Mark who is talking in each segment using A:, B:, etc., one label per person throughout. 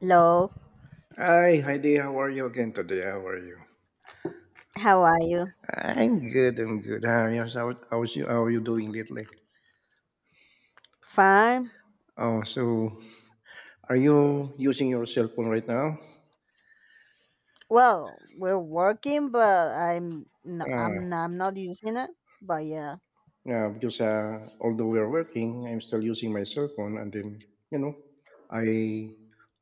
A: Hello,
B: Hi, hi Dee. How are you again today? How are you?
A: how are you?
B: I'm good. I'm good. How are you? How's you? How are you doing lately?
A: Fine.
B: Oh, so are you using your cell phone right now?
A: Well, we're working, but
B: Ah,
A: I'm not using it. But yeah,
B: yeah. Because although we are working, I'm still using my cell phone, and then you know, I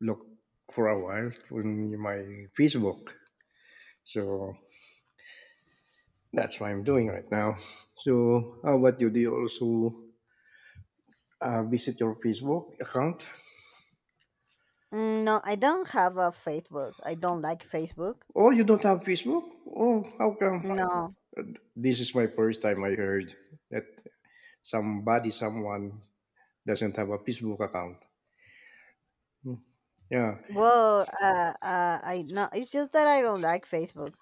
B: look for a while on my Facebook. So that's what I'm doing right now. So how about you? Do you also visit your Facebook account?
A: No, I don't have a Facebook. I don't like Facebook.
B: Oh, you don't have Facebook? Oh, how come?
A: No.
B: This is my first time I heard that someone doesn't have a Facebook account. Yeah.
A: Well, I no. It's just that I don't like Facebook.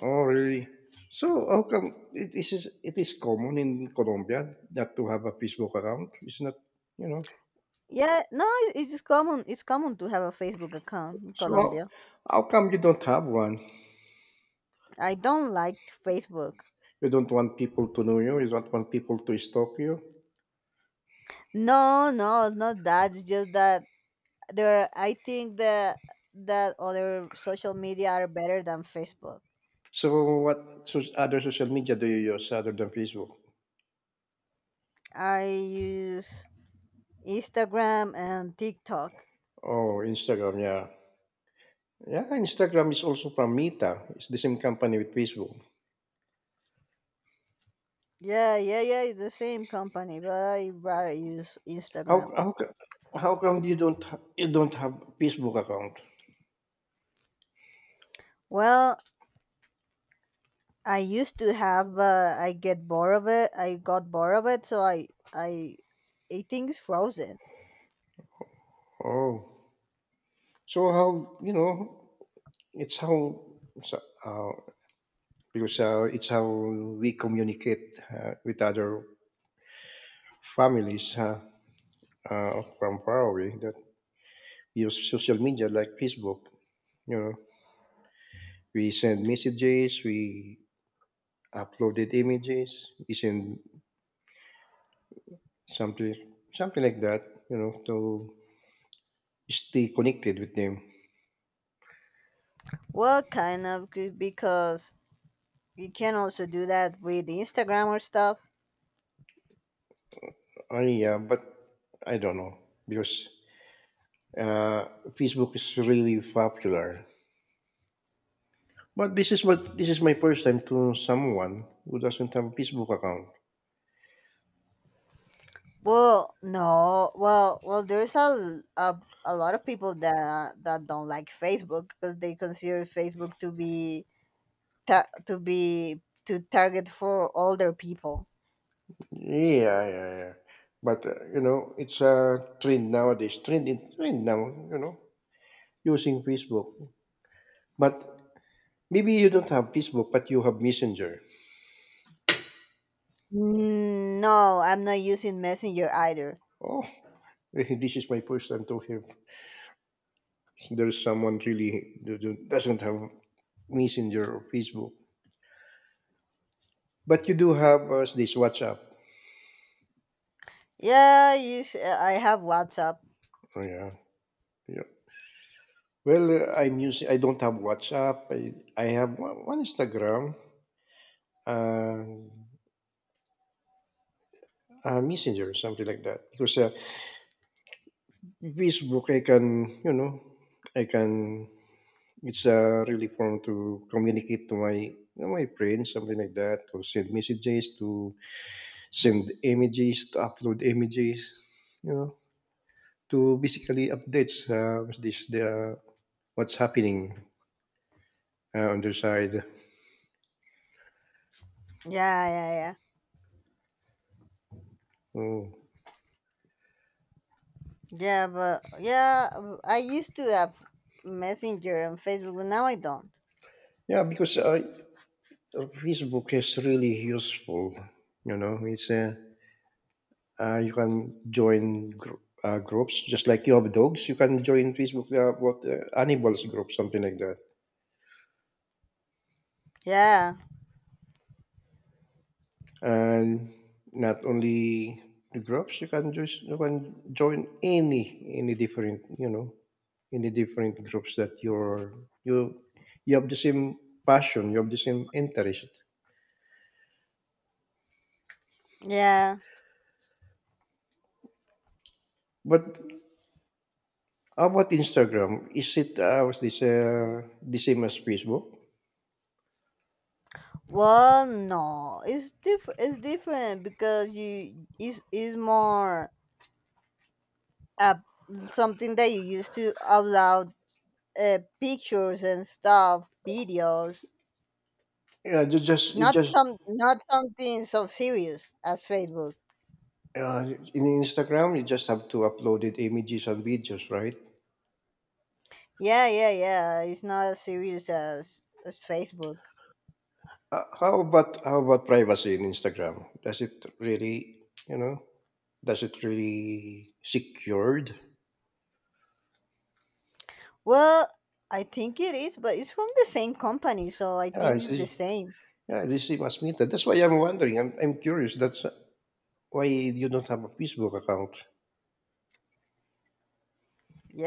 B: Oh, really? So how come it is common in Colombia not to have a Facebook account? It's not, you know.
A: Yeah, no, it's just common. It's common to have a Facebook account in
B: So
A: Colombia.
B: how come you don't have one?
A: I don't like Facebook.
B: You don't want people to know you. You don't want people to stalk you.
A: No, no, it's not that. It's just that there I think that other social media are better than Facebook.
B: So what, other social media do you use other than Facebook?
A: I use Instagram and TikTok.
B: Oh, Instagram, yeah. Yeah, Instagram is also from Meta. It's the same company with Facebook.
A: Yeah, it's the same company, but I rather use
B: How
A: Instagram.
B: how co how come you don't ha you don't have Facebook account?
A: Well, I used to have I get bored of it, I got bored of it, so I I think it's frozen.
B: Oh, so how you know? It's how so, uh, it's how we communicate with other families from far away that use social media like Facebook. You know, we send messages, we uploaded images, we send something something like that. You know, to stay connected with them.
A: Well, kind of because you can also do that with Instagram or stuff.
B: Yeah, but I don't know because uh, Facebook is really popular. But this is my first time to know someone who doesn't have a Facebook account.
A: Well, no. Well, there's a lot of people that don't like Facebook because they consider Facebook to be to target for older people.
B: Yeah, yeah, yeah. But you know, it's a trend nowadays. Trend now. You know, using Facebook. But maybe you don't have Facebook, but you have Messenger.
A: No, I'm not using Messenger either.
B: Oh, this is my first time to hear there's someone really doesn't have Messenger or Facebook. But you do have this WhatsApp.
A: I have WhatsApp.
B: Oh, yeah. Yeah. Well, I'm using. I don't have WhatsApp. I have one Instagram and Messenger, something like that. Because Facebook, I can, you know, I can. It's a really form to communicate to my friends, something like that, to send messages, to send images, to upload images, you know, to basically updates this the what's happening on their side.
A: Yeah, yeah, yeah.
B: Mm.
A: Yeah, but yeah, I used to have Messenger and Facebook, but now I don't.
B: Yeah, because Facebook is really useful. You know, it's you can join groups just like you have dogs. You can join Facebook what animals group something like that.
A: Yeah.
B: And not only the groups, you can just you can join any different you know any different groups that you you have the same passion, you have the same interest.
A: Yeah.
B: But how about Instagram? Is it was this the same as Facebook?
A: Well, no, it's different because you is more uh, something that you used to upload pictures and stuff, videos.
B: Yeah, you just
A: Not something so serious as Facebook.
B: uh, in Instagram you just have to upload it images and videos, right?
A: Yeah, yeah, yeah. It's not as serious as Facebook.
B: How about privacy in Instagram? Does it really you know does it really secured?
A: Well, I think it is, but it's from the same company, so I
B: Yeah,
A: think
B: it's,
A: it's the
B: it's-
A: same.
B: yeah, this same as media. That's why I'm wondering. I'm curious. That's why you don't have a Facebook account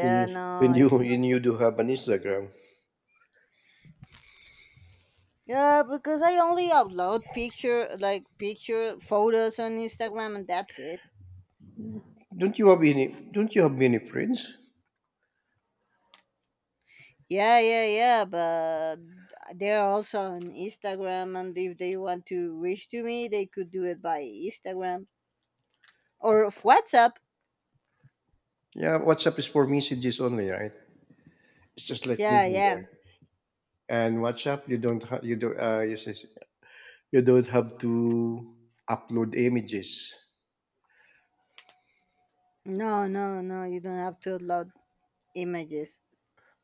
B: when
A: no, it's—
B: when you do have an Instagram.
A: yeah, because I only upload picture photos on Instagram and that's it.
B: Don't you have any? Don't you have many friends?
A: Yeah, yeah, yeah, but they're also on Instagram, and if they want to reach to me, they could do it by Instagram or of WhatsApp.
B: Yeah, WhatsApp is for messages only, right? It's just like
A: Yeah,
B: usual there.
A: yeah.
B: And WhatsApp, you don't ha- you do says, you don't have to upload images.
A: No, no, no, you don't have to upload images.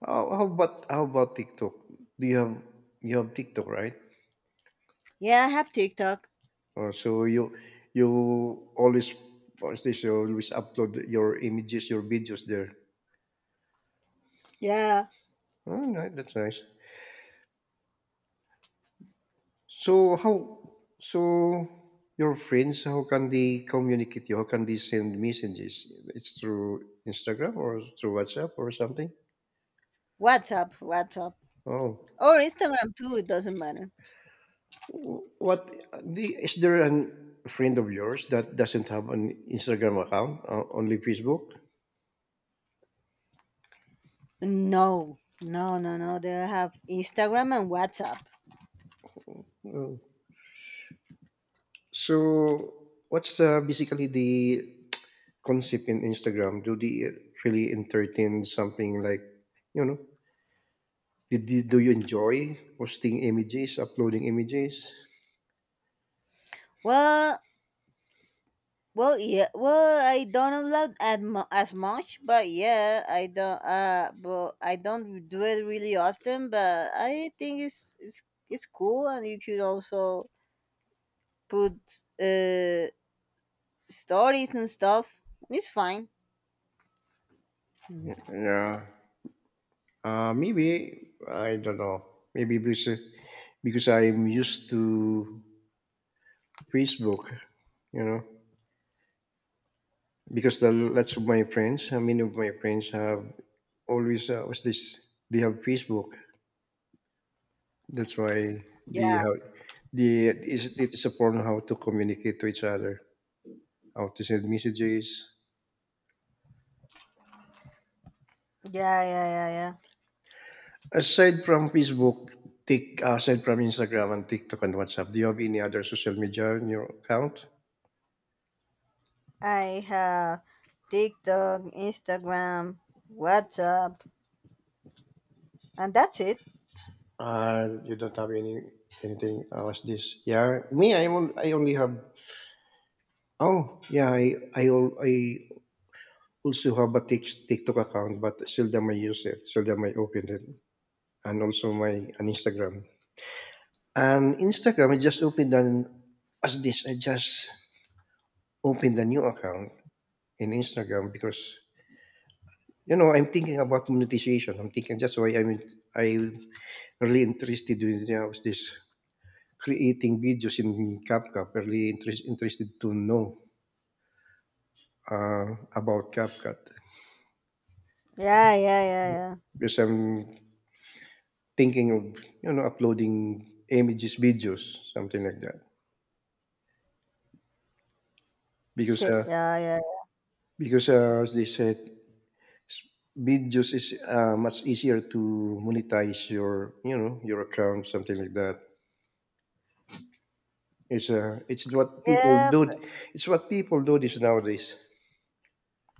B: How about TikTok? Do you have TikTok, right?
A: Yeah, I have TikTok.
B: Oh, so you always what's this? You always upload your images, your videos there.
A: Yeah,
B: Oh, that's nice. So how so your friends how can they communicate you? How can they send messages? It's through Instagram or through WhatsApp or something?
A: WhatsApp, WhatsApp.
B: Oh.
A: Or Instagram too, it doesn't matter.
B: Wh- What is there an friend of yours that doesn't have an Instagram account, only Facebook?
A: No, no, no, no. They have Instagram and WhatsApp.
B: Oh. So what's basically the concept in Instagram? Do they really entertain something like, you know, do you enjoy posting images, uploading images?
A: Well, Well, yeah. Well, I don't love as, as much, but yeah, I don't. But I don't do it really often. But I think it's cool, and you could also put uh stories and stuff. It's fine.
B: Yeah. Maybe I don't know. Maybe because I'm used to Facebook, you know, because the lots of my friends, many of my friends have always what's this? They have Facebook. That's why they
A: Yeah,
B: have they is it is a form how to communicate to each other, how to send messages.
A: yeah, yeah, yeah, yeah.
B: Aside from Facebook, Tik aside from Instagram and TikTok and WhatsApp, do you have any other social media in your account?
A: I have TikTok, Instagram, WhatsApp, and that's it.
B: You don't have any anything else. This, yeah. Me, I only have. Oh, yeah. I also have a TikTok account, but seldom I use it. Seldom I open it, and also my an Instagram. And Instagram, I just opened an as this. I just opened a new account in Instagram because you know I'm thinking about monetization. I'm thinking that's why I'm I really interested in you know, this creating videos in CapCut. I'm really interested to know about CapCut
A: Yeah, yeah, yeah, yeah.
B: because I'm thinking of you know uploading images, videos, something like that. Because
A: Shit,
B: uh,
A: yeah, yeah,
B: because as they said, videos is much easier to monetize your you know your account, something like that. It's what people
A: yeah.
B: do. It's what people do this nowadays.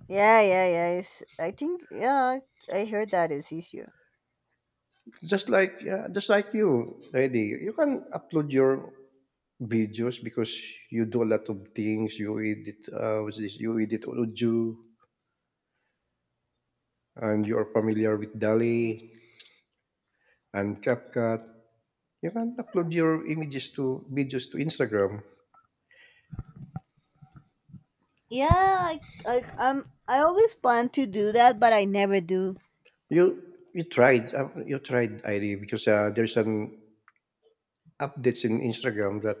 A: Yeah, yeah, yeah. It's, I think, yeah, I heard that is easier.
B: Just like you, Eddie, you can upload your videos because you do a lot of things. You edit, what's this? You edit audio, and you are familiar with Dali and CapCut. You can upload your images to videos to Instagram.
A: Yeah, I I always plan to do that, but I never do.
B: You tried ID because there's an updates in Instagram that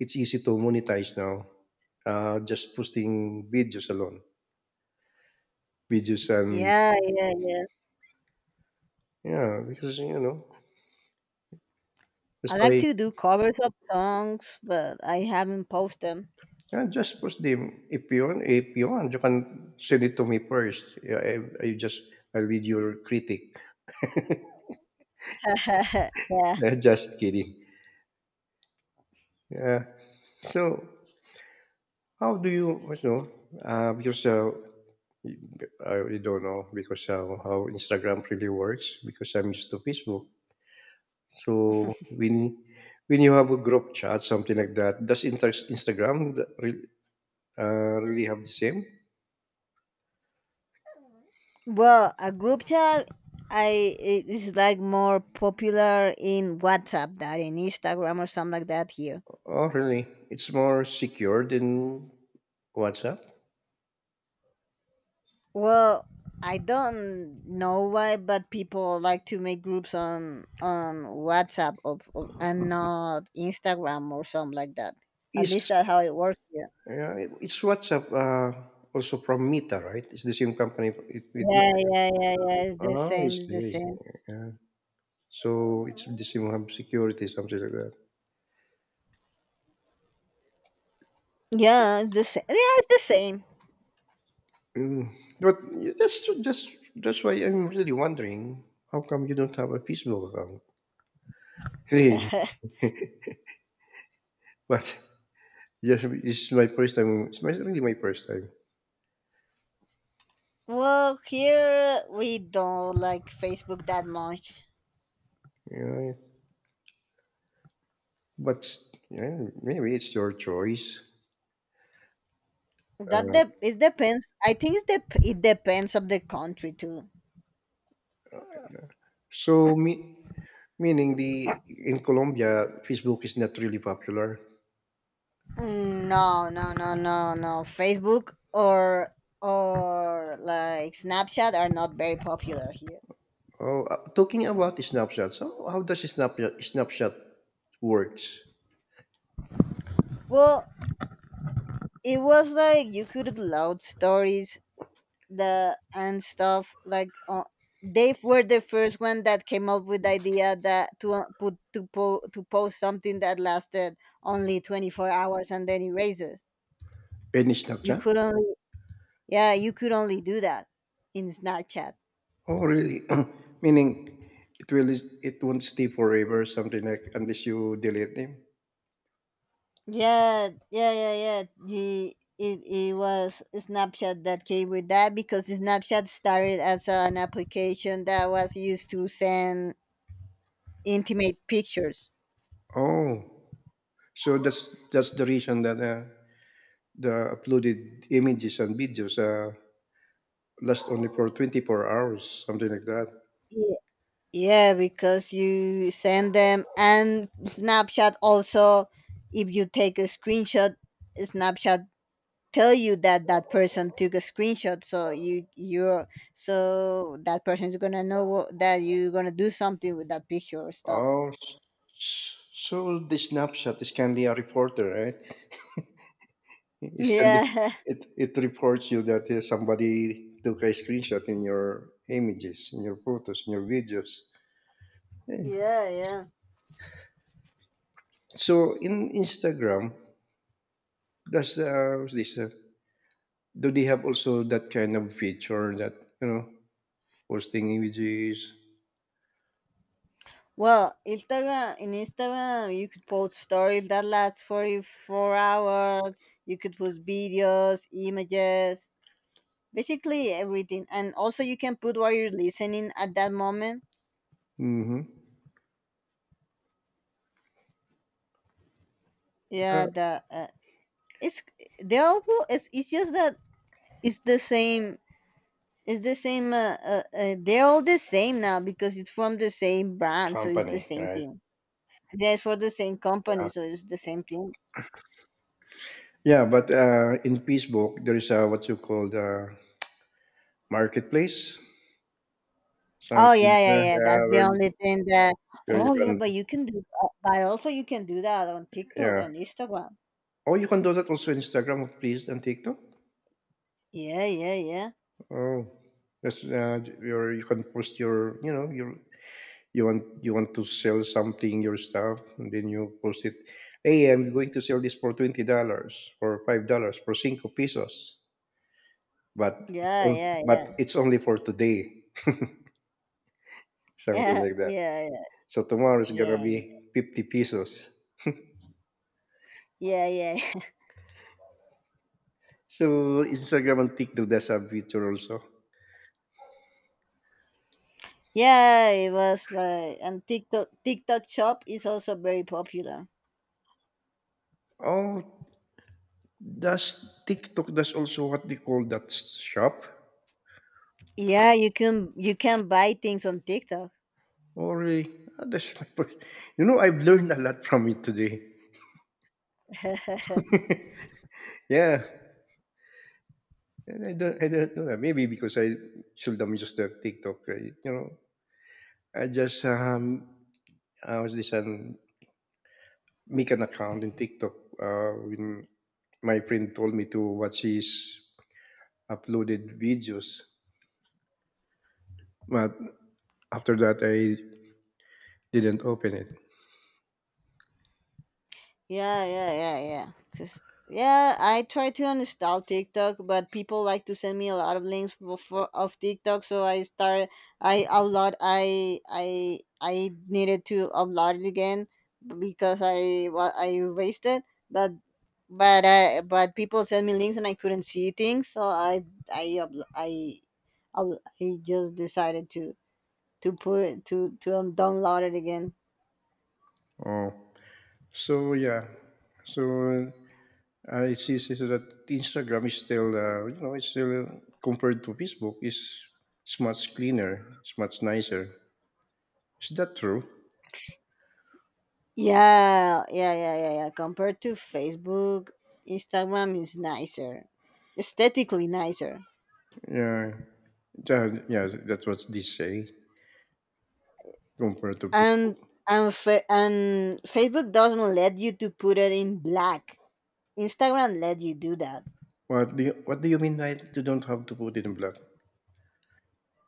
B: it's easy to monetize now. Just posting videos alone, videos and
A: Yeah, yeah, yeah.
B: yeah, because you know that's
A: I like
B: why
A: to do covers of songs, but I haven't posted them.
B: yeah, just post them. If you want, you can send it to me first. I just I read your critic.
A: Yeah.
B: Eh, just kidding. Yeah. So how do you, you know, because I really don't know because how Instagram really works because I'm used to Facebook. So when you have a group chat, something like that, does Instagram really have the same?
A: Well, a group chat, I it is like more popular in WhatsApp than in Instagram or something like that here.
B: Oh, really? It's more secure than WhatsApp.
A: Well, I don't know why, but people like to make groups on WhatsApp of and not Instagram or something like that. At
B: Is
A: least that's how it works here.
B: yeah, it's WhatsApp, also from Meta, right? It's the same company
A: Yeah, yeah, yeah, yeah. It's the
B: oh, I
A: same. It's
B: see.
A: the
B: I see.
A: same.
B: Yeah. So it's the same have security, something like that.
A: Yeah, it's the same. Yeah, it's the same.
B: Mm. But that's that's that's why I'm really wondering how come you don't have a Facebook account? Really? But just it's my first time. It's my, really my first time.
A: Well, here we don't like Facebook that much.
B: Yeah. But yeah, maybe it's your choice. Uh,
A: It depends. I think it depends of the country too.
B: so me, meaning the in Colombia, Facebook is not really popular.
A: No, no, no, no, no. Facebook or like Snapchat are not very popular here.
B: Oh, talking about Snapchat, so how does Snapchat works?
A: Well, it was like you could load stories the and stuff like they were the first one that came up with the idea that to to post something that lasted only 24 hours and then erases.
B: Any
A: You
B: Snapchat?
A: could only— yeah, you could only do that in Snapchat.
B: Oh, really? Meaning it won't stay forever, something like unless you delete them.
A: Yeah, yeah, yeah, yeah. It was Snapchat that came with that because Snapchat started as an application that was used to send intimate pictures.
B: Oh, so that's the reason that the uploaded images and videos last only for 24 hours, something like that.
A: Ye- Yeah, because you send them, and Snapchat also, if you take a screenshot, Snapchat tell you that that person took a screenshot, so you're so that person is gonna know what, that you're gonna do something with that picture or stuff.
B: Oh, s- so the Snapchat is kindly a reporter, right? It send
A: Yeah.
B: it it reports you that somebody took a screenshot in your images, in your photos, in your videos. Eh,
A: Yeah, yeah.
B: so in Instagram, does what's this do they have also that kind of feature that you know posting images?
A: Well, Instagram in Instagram you could post stories that last 44 hours. You could post videos, images, basically everything, and also you can put what you're listening at that moment.
B: Mm-hmm.
A: Yeah,
B: The
A: the it's they're also it's just that it's the same. It's the same. They're all the same now because it's from the same brand, so it's the
B: company,
A: same
B: right?
A: thing. Yeah, it's for the same
B: Uh,
A: company, so it's the same thing.
B: yeah, but in Facebook there is a what you call the marketplace,
A: Oh
B: something
A: yeah,
B: like
A: yeah,
B: that.
A: yeah. That's the only thing that.
B: Where you
A: Oh yeah, but
B: can
A: you can do that— but also you can do that on TikTok
B: yeah,
A: and Instagram.
B: oh, you can do that also Instagram, please, and TikTok.
A: Yeah, yeah, yeah,
B: Oh, that's you can post your you know you want to sell something your stuff and then you post it. Hey, I'm going to sell this for $20, for $5, for cinco pesos. But
A: yeah, yeah,
B: but
A: yeah,
B: it's only for today, something
A: yeah,
B: like that.
A: yeah,
B: So tomorrow is gonna
A: yeah,
B: be 50 pesos.
A: yeah, yeah, yeah.
B: So Instagram and TikTok does have feature also.
A: Yeah, it was like— and TikTok Shop is also very popular.
B: Oh, does TikTok does also what they call that shop?
A: Yeah, you can— you can buy things on TikTok.
B: Oh, really? Oh, that's like, you know, I've learned a lot from it today. Yeah, and I don't know that. Maybe because I should have just the TikTok. I, you know, I just I was this make an account in TikTok. When my friend told me to watch his uploaded videos, but after that I didn't open it.
A: Yeah, yeah, yeah, yeah. 'Cause- yeah, I try to uninstall TikTok, but people like to send me a lot of links for of TikTok, so I start I upload I needed to upload it again because I, well, I erased it, but but people sent me links and I couldn't see things, so I upl- I I just decided to put to download it again.
B: Oh, so yeah, so see so that Instagram is still, you know, it's still compared to Facebook is it's much cleaner, it's much nicer. Is that true?
A: Yeah, yeah, yeah, yeah, yeah. Compared to Facebook, Instagram is nicer, aesthetically nicer,
B: Yeah, yeah, that's what they say compared to.
A: and and Facebook doesn't let you to put it in black. Instagram let you do that.
B: What do you mean? I you don't have to put it in black.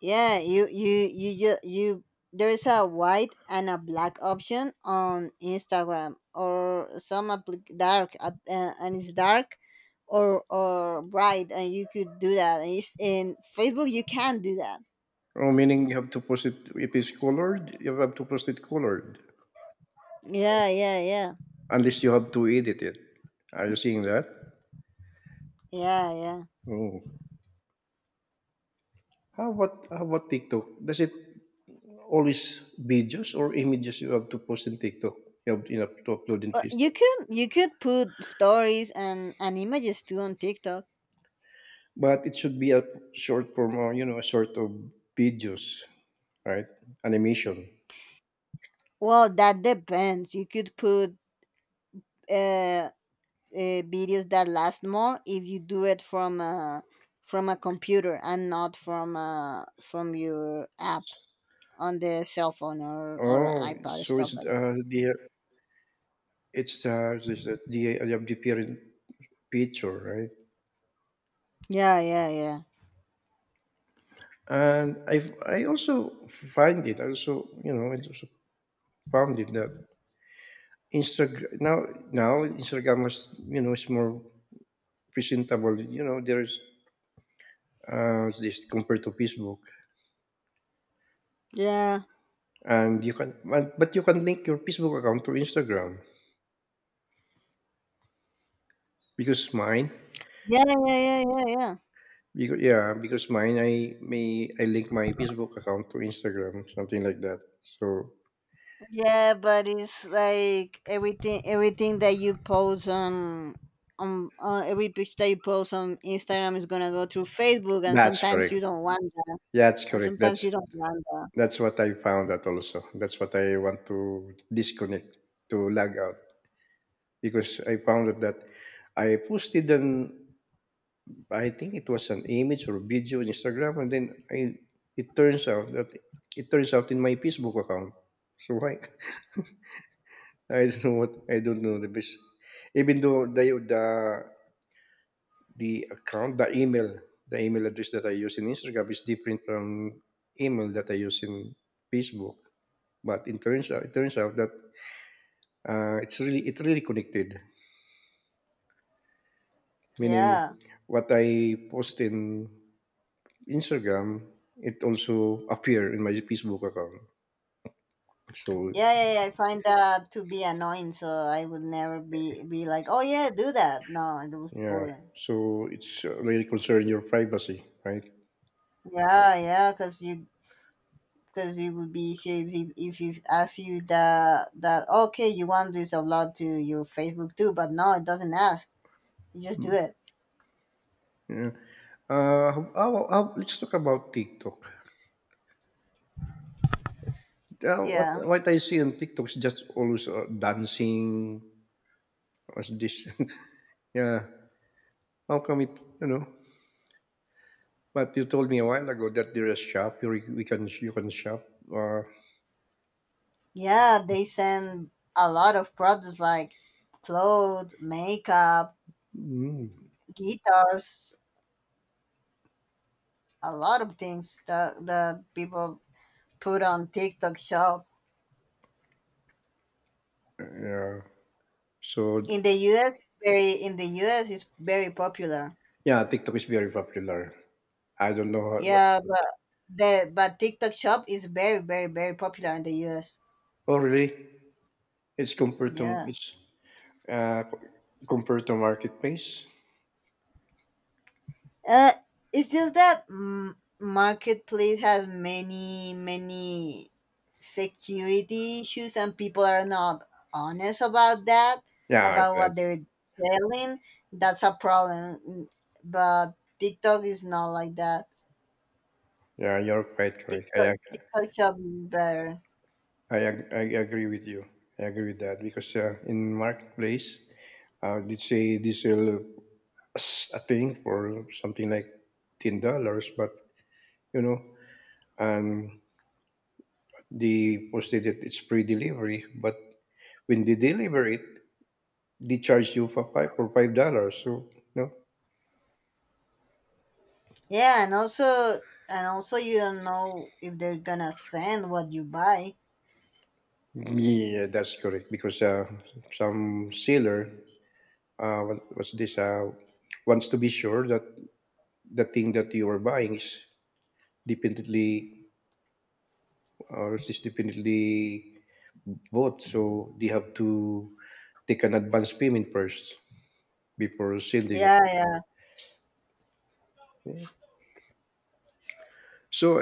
A: Yeah, you there is a white and a black option on Instagram or some applic- dark app- and it's dark or bright, and you could do that. And it's, in Facebook you can't do that.
B: Oh, meaning you have to post it if it's colored. You have to post it colored
A: Yeah, yeah, yeah,
B: unless you have to edit it. Are you seeing that?
A: yeah, yeah.
B: Oh, how about TikTok? Does it always videos or images you have to post in TikTok. You have to upload in
A: But you
B: TikTok.
A: could— you could put stories and images too on TikTok.
B: But it should be a short form, or, a sort of videos, right? Animation.
A: Well, that depends. You could put uh, uh videos that last more if you do it from a computer and not from your app on the cell phone or
B: Oh,
A: iPad or
B: so
A: stuff like that.
B: it's the I have the parent picture, right?
A: Yeah, yeah, yeah,
B: And I also find it. I also found it that Instagram now Instagram is is more presentable. There's this compared to Facebook,
A: yeah,
B: and you can but you can link your Facebook account to Instagram because mine
A: yeah, yeah, yeah, yeah. Yeah.
B: because yeah because mine I may I link my Facebook account to Instagram, something like that. So
A: Yeah, but it's like everything, everything that you post on— on every picture that you post on Instagram is gonna go through Facebook, and
B: that's
A: sometimes
B: correct,
A: you don't want that,
B: yeah, that's
A: and
B: correct
A: sometimes you don't want that.
B: that's what I found out also. That's what I want to disconnect, to log out, because I found out that I posted an I think it was an image or video on Instagram, and then I it turns out that it turns out in my Facebook account. So why? I don't know what I don't know the best. Even though the account, the email address that I use in Instagram is different from email that I use in Facebook. But it turns out that it's really it really connected. Meaning,
A: Yeah.
B: what I post in Instagram, it also appear in my Facebook account. So
A: Yeah, yeah, yeah, I find that to be annoying, so I would never be— be like, oh yeah, do that. No, it was
B: yeah,
A: boring.
B: so it's really concern your privacy, right?
A: Yeah, yeah, because you because it would be easier if if you ask you that that okay, you want this upload to your Facebook too, but no, it doesn't ask. You just do
B: Mm,
A: it.
B: Yeah. How let's talk about TikTok. What
A: Yeah.
B: I see on TikTok is just always dancing. What's this? Yeah, how come it? You know, but you told me a while ago that there is shop. You can shop. Uh,
A: Yeah, they send a lot of products like clothes, makeup,
B: mm,
A: guitars, a lot of things that, that people put on TikTok shop.
B: yeah. So
A: In the US it's very popular.
B: yeah, TikTok is very popular. I don't know how, what.
A: Yeah, but the but TikTok shop is very, very, very popular in the US.
B: Oh really?
A: Yeah.
B: It's uh compared to marketplace.
A: Uh, it's just that marketplace has many many security issues, and people are not honest about that,
B: Yeah,
A: about what
B: that's-
A: they're selling. That's a problem. But TikTok is not like that.
B: yeah, you're quite correct.
A: TikTok shop is better.
B: I agree with you. I agree with that because in marketplace, let's say this will a thing for something like $10, but you know, and they posted it it's free delivery, but when they deliver it, they charge you for $5. So no,
A: Yeah, and also you don't know if they're gonna send what you buy.
B: yeah, that's correct because some seller, what, what's this? Wants to be sure that the thing that you are buying is definitely Or it's definitely both. So they have to take an advance payment first before sending it.
A: Yeah, yeah.
B: So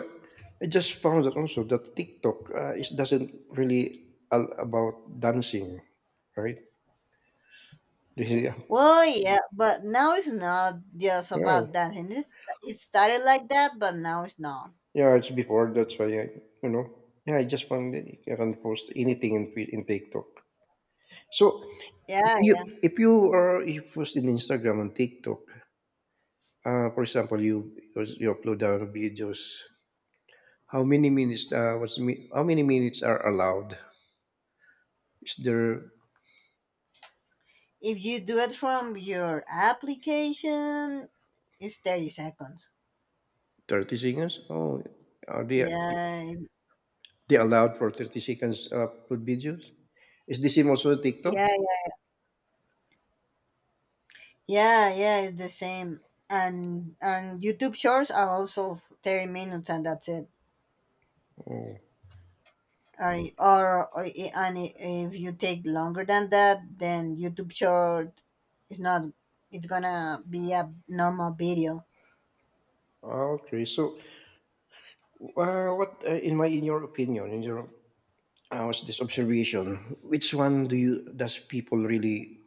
B: I just found that also that TikTok it doesn't really all about dancing, right? Yeah,
A: Well, yeah, but now it's not just
B: yeah,
A: about that. And it's, it started like that, but now it's not.
B: yeah. It's before that's why I, you know, yeah. I just found that I can post anything in TikTok. So if
A: Yeah,
B: you
A: yeah.
B: if you are if you post in Instagram and TikTok, for example, you upload videos. How many minutes? How many minutes are allowed? Is there
A: If you do it from your application, it's 30 seconds.
B: 30 seconds? Oh, are
A: Yeah, yeah,
B: they allowed for 30 seconds upload videos? Is the same also TikTok?
A: yeah, yeah, yeah, it's the same. And YouTube shorts are also 30 minutes and that's it.
B: Oh,
A: Or I- and I- if you take longer than that, then YouTube short is not, it's gonna be a normal video.
B: ah, okay. So, what in my in your opinion, in your what's this observation? Which one do you does people really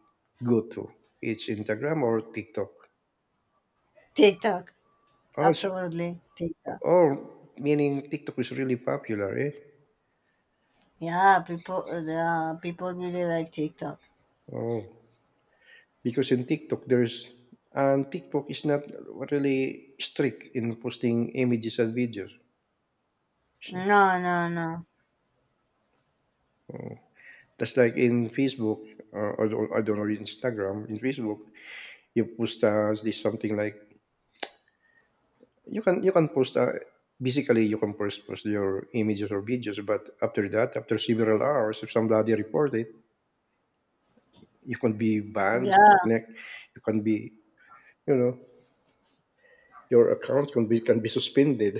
B: go to? It's Instagram or TikTok?
A: TikTok.
B: Oh, it's,
A: Absolutely, TikTok.
B: oh, meaning TikTok is really popular, eh?
A: Yeah, people really like TikTok.
B: Oh. Because in TikTok there's and TikTok is not really strict in posting images and videos.
A: No, no, no.
B: That's like in Facebook, or, I don't know Instagram. In Facebook, you post this something like you can post. Basically, you can post your images or videos, but after that, after several hours, if somebody report it, you can be banned.
A: Yeah,
B: Something like you can be you know your account can be suspended.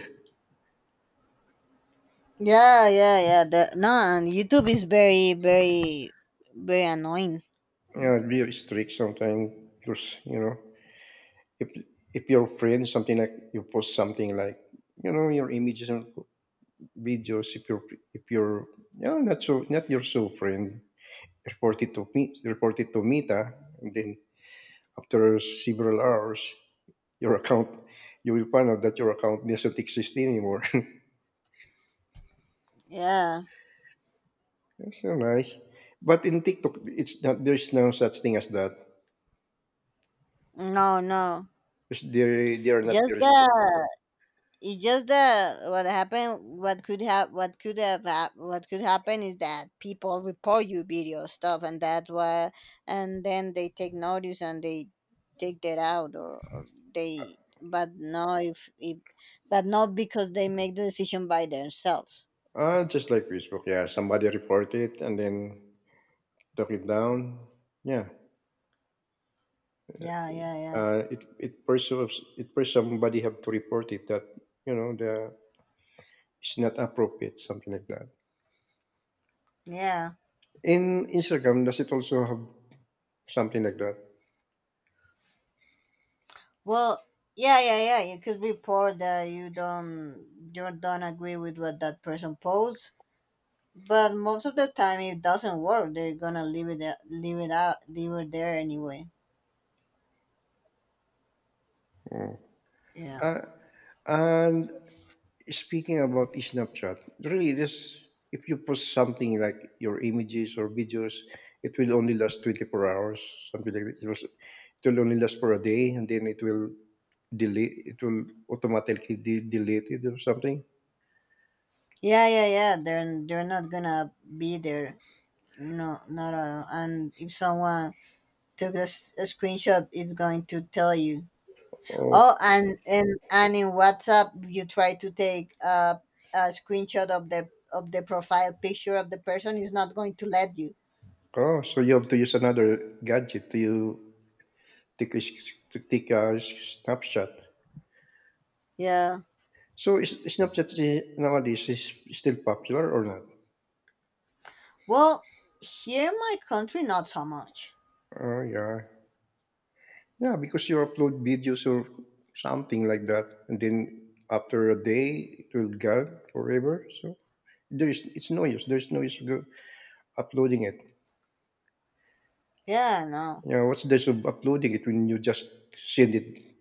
A: yeah, yeah, yeah. The, no, and YouTube is very, very, very annoying.
B: Yeah, be strict sometimes because if you post something like your images or videos, if you're if you're no, not so not your so friend, report it to me, report it to Meta, and then after several hours your account, you will find out that your account doesn't exist anymore.
A: Yeah.
B: That's so nice. But in TikTok it's not there's no such thing as that.
A: No, no.
B: Because they are not
A: Just
B: very strict.
A: that— it's just that what happened— what could happen is that people report you video stuff, and that's why— and then they take notice and they take that out, or they— but no, if it— but not because they make the decision by themselves.
B: Ah, just like Facebook, yeah. Somebody report it and then took it down. Yeah,
A: Yeah, yeah, yeah,
B: It it persuades somebody have to report it that the it's not appropriate, something like that.
A: yeah.
B: In Instagram, does it also have something like that?
A: Well, yeah, yeah, yeah, you could report that you don't agree with what that person posts. But most of the time, it doesn't work. They're gonna leave it, leave it out, leave it there anyway. Yeah,
B: Uh, and Speaking about Snapchat, really, this if you post something like your images or videos, it will only last 24 hours, something like that. It will only last for a day, and then it will delete. It will automatically delete it or something.
A: yeah, yeah, yeah. They're not gonna be there. No, not at all. And if someone took a, a screenshot, it's going to tell you.
B: Or
A: Oh, and in WhatsApp, you try to take a screenshot of the profile picture of the person. It's not going to let you.
B: oh, so you have to use another gadget to take a, to take a snapshot.
A: Yeah.
B: So is, Snapchat nowadays is still popular or not?
A: Well, here in my country, not so much.
B: Oh yeah, yeah, because you upload videos or something like that, and then after a day it will gone forever. So there is it's no use. There's no use uploading it.
A: Yeah. No.
B: You know, what's the use of uploading it when you just send it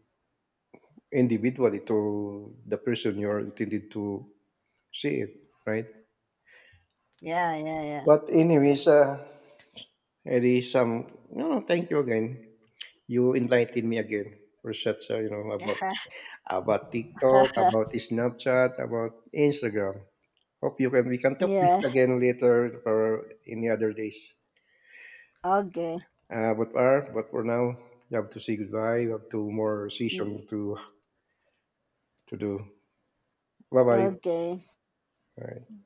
B: individually to the person you are intended to see it, right?
A: Yeah. Yeah. Yeah.
B: But anyways, it is no, no, thank you again. You enlightened me again for such about TikTok, about Snapchat, about Instagram. Hope you can we can talk this
A: Yeah.
B: again later or any other days.
A: Okay.
B: But are but for now, you have to say goodbye. You have two more
A: Mm.
B: session to do. Bye
A: Okay.
B: bye.